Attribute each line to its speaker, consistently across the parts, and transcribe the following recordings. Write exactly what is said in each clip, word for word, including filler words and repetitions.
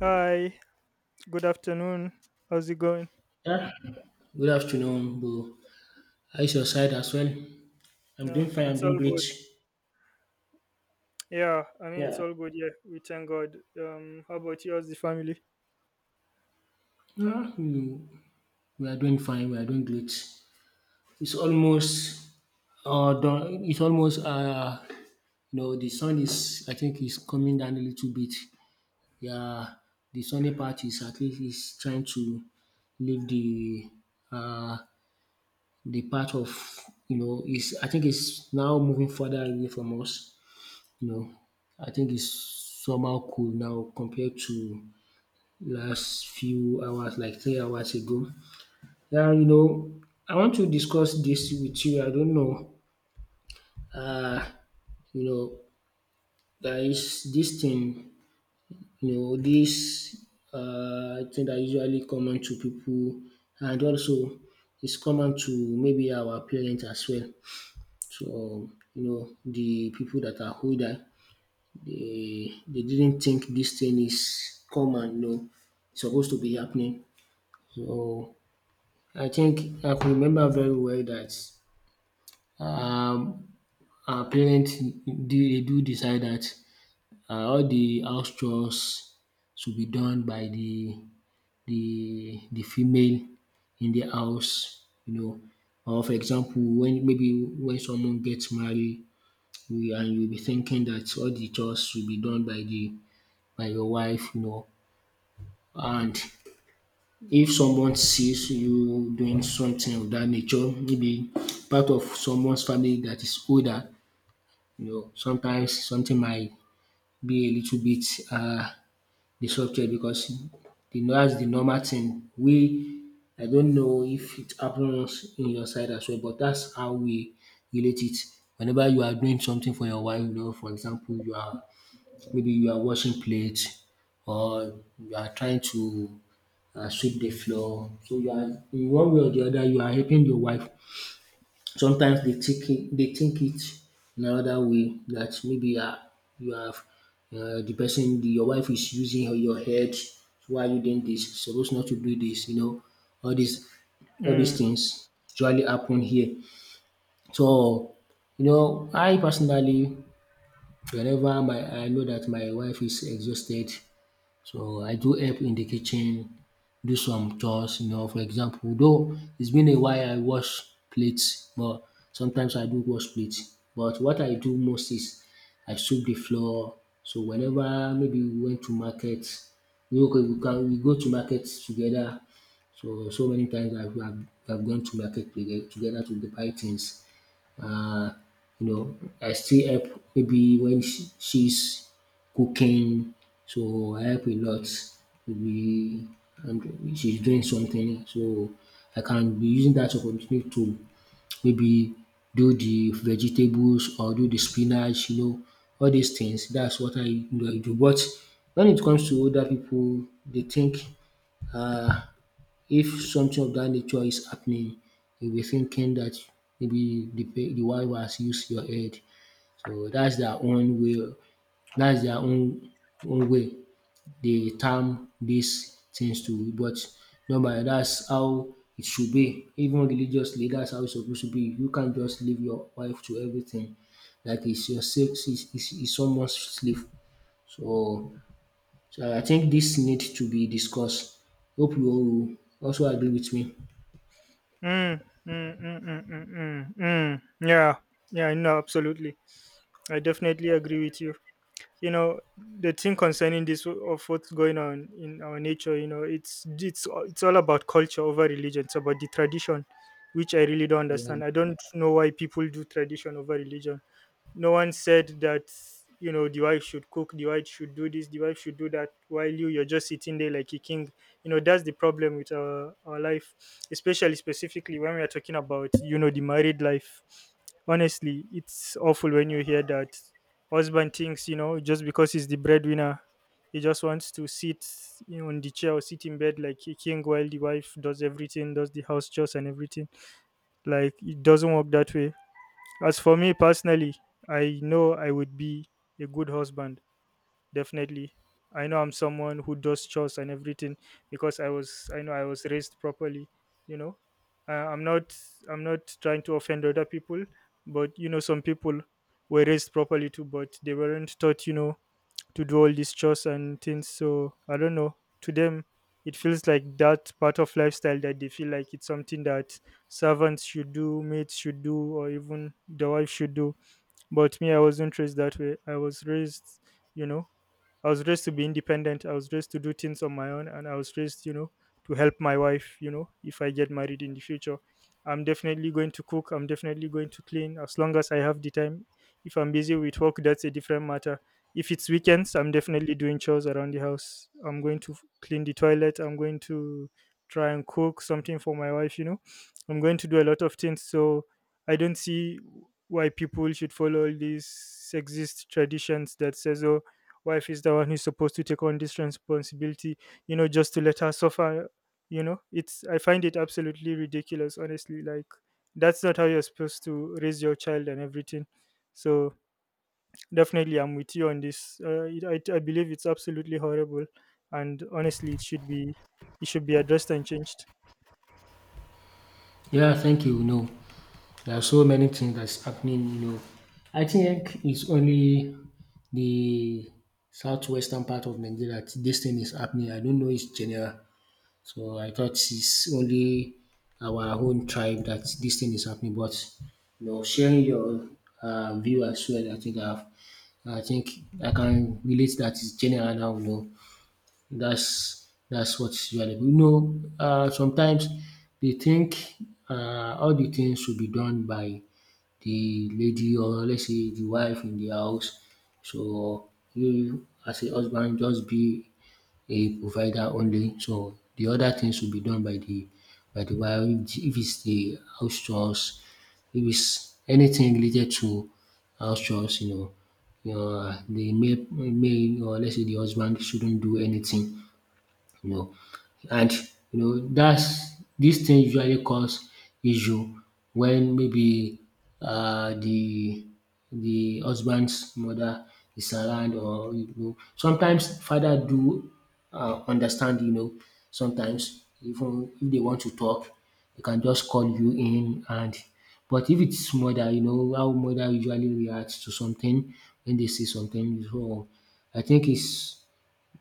Speaker 1: Hi, good afternoon. How's it going?
Speaker 2: Yeah, good afternoon, Bo. How is your side as well? I'm
Speaker 1: No,
Speaker 2: doing fine, I'm
Speaker 1: it's
Speaker 2: doing
Speaker 1: all
Speaker 2: great.
Speaker 1: good. Yeah, I mean, it's
Speaker 2: Yeah.
Speaker 1: all good. Yeah, we thank God. Um, how about you? How's the family?
Speaker 2: Yeah, we, we are doing fine, we are doing great. It's almost uh done. It's almost, uh you know the sun is, I think, is coming down a little bit. Yeah, the sunny part is at least is trying to leave the uh the part of, you know is, I think, it's now moving further away from us. you know, I think it's somehow cool now compared to last few hours, like three hours ago. Yeah, you know, I want to discuss this with you. I don't know. Uh, you know, there is this thing, you know, this uh, thing that usually common to people, and also it's common to maybe our parents as well. So, you know, the people that are older. They they didn't think this thing is common, no, e suppose to be happening. So I think I could remember very well that um our parent they they do decide that um all the house chores should be done by the the the female in the house you know. Or for example, when maybe when someone gets married you, and you be thinking that all the chores should be done by the by your wife you know. And if someone sees you doing something of that nature, maybe part of someone's family that is older, you know, sometimes something might be a little bit, uh, disrupted because the that's the normal thing. We I don't know if it happens in your side as well, but that's how we relate it. Whenever you are doing something for your wife, you know, for example, you are maybe you are washing plates, or you are trying to, uh, sweep the floor. So you are, in one way or the other, you are helping your wife. Sometimes they think it, they think it in another way, that maybe, uh, you have, uh, the person, the, your wife is using her, your head. So why are you doing this? You're supposed not to do this. You know, all these all these
Speaker 1: Mm,
Speaker 2: things usually happen here. So, you know, I personally, whenever my I know that my wife is exhausted, so I do help in the kitchen, do some chores, you know. For example, though it's been a while I wash plates, but sometimes I do wash plates. But what I do most is I sweep the floor. So whenever maybe we went to market, we okay, we can, we go to market together. So so many times I've, I've, I've gone to market toge- together to buy things, uh, you know, I still help maybe when she, she's cooking, so I help a lot. Maybe and she's doing something, so I can be using that opportunity to maybe do the vegetables or do the spinach, you know, all these things. That's what I, you know, I do. But when it comes to older people, they think, uh, if something of that nature is happening, you'll be thinking that maybe the pe- the wife has used your head. So that's their own way. That's their own own way they term these things to. But normally, that's how it should be. Even religiously, that's how it's supposed to be. You can't just leave your wife to everything. Like it's your sex, it's, it's, it's someone's slave. So, so I think this need to be discussed. Hope you also agree with me.
Speaker 1: mm, mm, mm, mm, mm, mm, mm. Yeah, yeah, no, absolutely. I definitely agree with you. You know, the thing concerning this w- of what's going on in our nature, you know, it's it's all- it's all about culture over religion. It's about the tradition, which I really don't
Speaker 2: Yeah.
Speaker 1: understand. I don't know why people do tradition over religion. No one said that, you know, the wife should cook, the wife should do this, the wife should do that, while you you're just sitting there like a king. You know, that's the problem with our, our life, especially specifically when we are talking about, you know, the married life. Honestly, it's awful when you hear that husband thinks, you know, just because he's the breadwinner, he just wants to sit, you know, on the chair or sit in bed like a king while the wife does everything, does the house chores and everything. Like, it doesn't work that way. As for me personally, I know I would be a good husband, definitely. I know I'm someone who does chores and everything because I was I know I was raised properly, you know. Uh, I'm not, I'm not trying to offend other people, but you know, some people were raised properly too, but they weren't taught, you know, to do all these chores and things. So I don't know. To them, it feels like that part of lifestyle that they feel like it's something that servants should do, maids should do, or even the wife should do. But me, I wasn't raised that way. I was raised, you know, I was raised to be independent. I was raised to do things on my own, and I was raised, you know, to help my wife. You know, if I get married in the future, I'm definitely going to cook. I'm definitely going to clean as long as I have the time. If I'm busy with work, that's a different matter. If it's weekends, I'm definitely doing chores around the house. I'm going to f- clean the toilet. I'm going to try and cook something for my wife. You know, I'm going to do a lot of things. So I don't see why people should follow all these sexist traditions that says, oh, wife is the one who's supposed to take on this responsibility, you know, just to let her suffer. You know, it's, I find it absolutely ridiculous, honestly. Like, that's not how you're supposed to raise your child and everything. So definitely I'm with you on this. uh, it, I, I believe it's absolutely horrible, and honestly it should be, it should be addressed and changed.
Speaker 2: Yeah, thank you. No, there are so many things that's happening. You know, I think it's only the southwestern part of Nigeria that this thing is happening. I don't know it's general. So I thought it's only our own tribe that this thing is happening. But you know, sharing your, uh, view as well, I think I've, I think I can relate that it's general now. You know, that's that's what is valuable. You know, um sometimes they think um all the things should be done by the lady, or let's say the wife in the house. So you, as a husband, just be a provider only. So the other things should be done by the by the wife, if it's the house chores, if it's anything related to house chores. You know, you know the male male, or let's say the husband, shouldn't do anything you know. And you know that's dis thing usually cause issue when maybe, uh the the husband's mother is around, or, you know sometimes father do, um understand. You know, sometimes even if they want to talk, they can just call you in, and but if it's mother, you know how mother usually reacts to something when they see something. So I think it's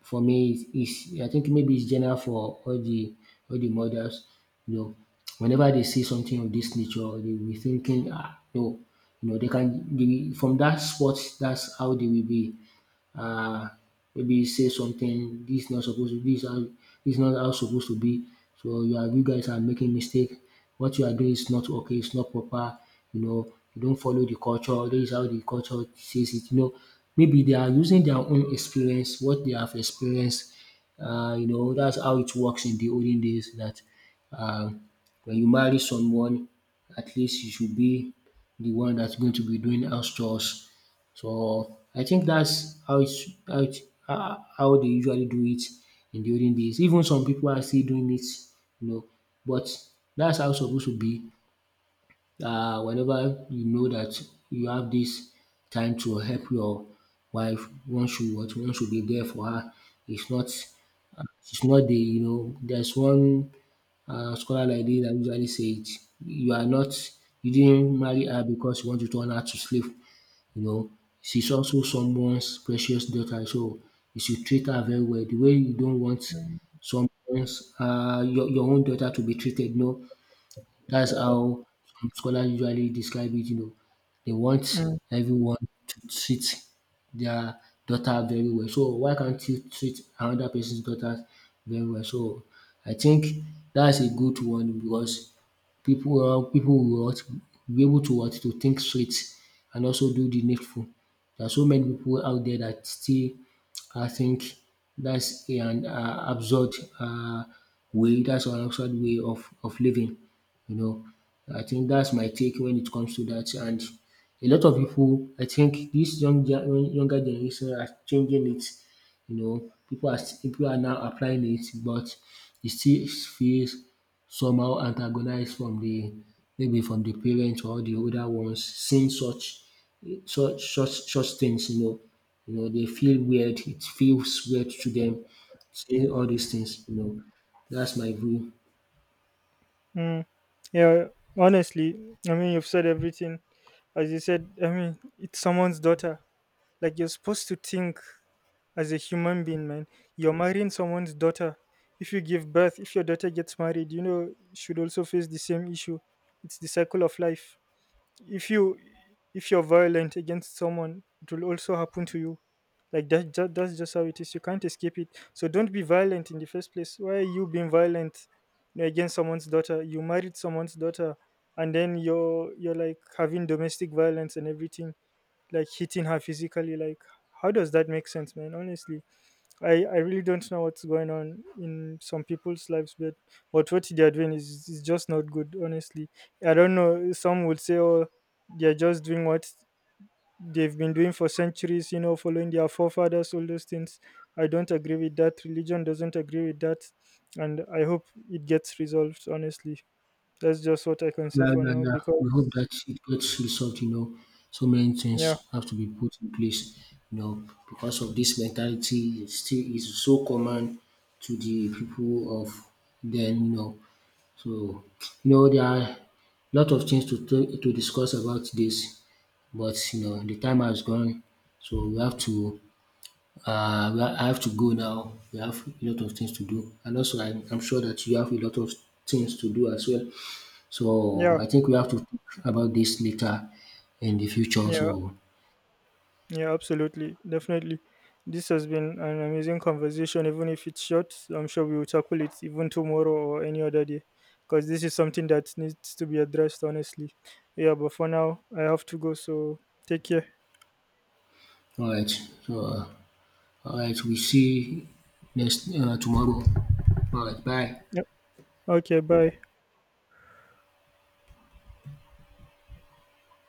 Speaker 2: for me, it's, it's I think maybe it's general for all the all the mothers. You know, whenever they see something of this nature, they will be thinking, ah, no, you know, they can. They, will- from that spot, that's how they will be, uh, maybe say something this not supposed to be. This how, this not how supposed to be. So you are you guys are making mistake. What you are doing is not okay. It's not proper. You know you don't follow the culture. This is how the culture says it. You know maybe they are using their own experience, what they have experienced. Uh, you know that's how it works in the olden days. That, um, when you marry someone, at least you should be the one that's going to be doing house chores. So I think that's how it's how it ho- how they usually do it in the olden days. Even some people are still doing it, you know, but that's how it's supposed to be. Uh, whenever you know that you have this time to help your wife, one should what one should be there for her. It's not it's not the you know there's one, uh, scholar like this that usually say it. You are not You didn't marry her because you want to turn her to slave you know, she's also someone's precious daughter, so you should treat her very well. The way you don't want someone's, uh, your, your own daughter to be treated, no, that's how some scholars usually describe it, you know. They want
Speaker 1: Mm,
Speaker 2: everyone to treat their daughter very well. So why can't you treat another person's daughter very well? So I think that's a good one because people uh, people will, what, be able to, what, to think straight, and also do the needful. There are so many people out there that still, I think, that's an, uh, absurd, uh, way, that's an absurd way of, of living. You know, I think that's my take when it comes to that. And a lot of people, I think this young gen- younger generation are changing it. You know, people are st- people are now applying it, but it still feels somehow antagonized from the maybe from the parents or the older ones seeing such such such such things. You know, you know they feel weird. It feels weird to them seeing all these things. You know, that's my view.
Speaker 1: mm. Yeah, honestly, I mean, you've said everything. As you said, I mean, it's someone's daughter. Like, you're supposed to think as a human being, man. You're marrying someone's daughter. If you give birth, if your daughter gets married, you know, should also face the same issue. It's the cycle of life. If you if you're violent against someone, it will also happen to you. Like that, ju- that's just how it is. You can't escape it. So don't be violent in the first place. Why are you being violent, you know, against someone's daughter? You married someone's daughter, and then you're you're like having domestic violence and everything, like hitting her physically. Like, how does that make sense, man? Honestly, i i really don't know what's going on in some people's lives, but but what they're doing is, is just not good, honestly. I don't know, some would say, oh, they're just doing what they've been doing for centuries, you know, following their forefathers, all those things. I don't agree with that. Religion doesn't agree with that, and I hope it gets resolved, honestly. That's just what I can say
Speaker 2: Yeah,
Speaker 1: for
Speaker 2: yeah,
Speaker 1: now
Speaker 2: yeah. We hope
Speaker 1: because
Speaker 2: that it gets resolved, you know. So many
Speaker 1: yeah,
Speaker 2: things have to be put in place, you know, because of this mentality it still is so common to the people of then, you know. So, you know, there are a lot of things to t- to discuss about this, but you know, the time has gone, so we have to. Uh, we ha- I have to go now. We have a lot of things to do, and also I'm, I'm sure that you have a lot of things to do as well. So
Speaker 1: yeah,
Speaker 2: I think we have to talk about this later in the future.
Speaker 1: yeah.
Speaker 2: So,
Speaker 1: Yeah, absolutely. Definitely. This has been an amazing conversation, even if it's short. I'm sure we will tackle it even tomorrow or any other day because this is something that needs to be addressed, honestly. Yeah, but for now, I have to go. So take care.
Speaker 2: all right. So, uh, all right. We see next, uh, tomorrow. All right. Bye.
Speaker 1: Yep. Okay, bye.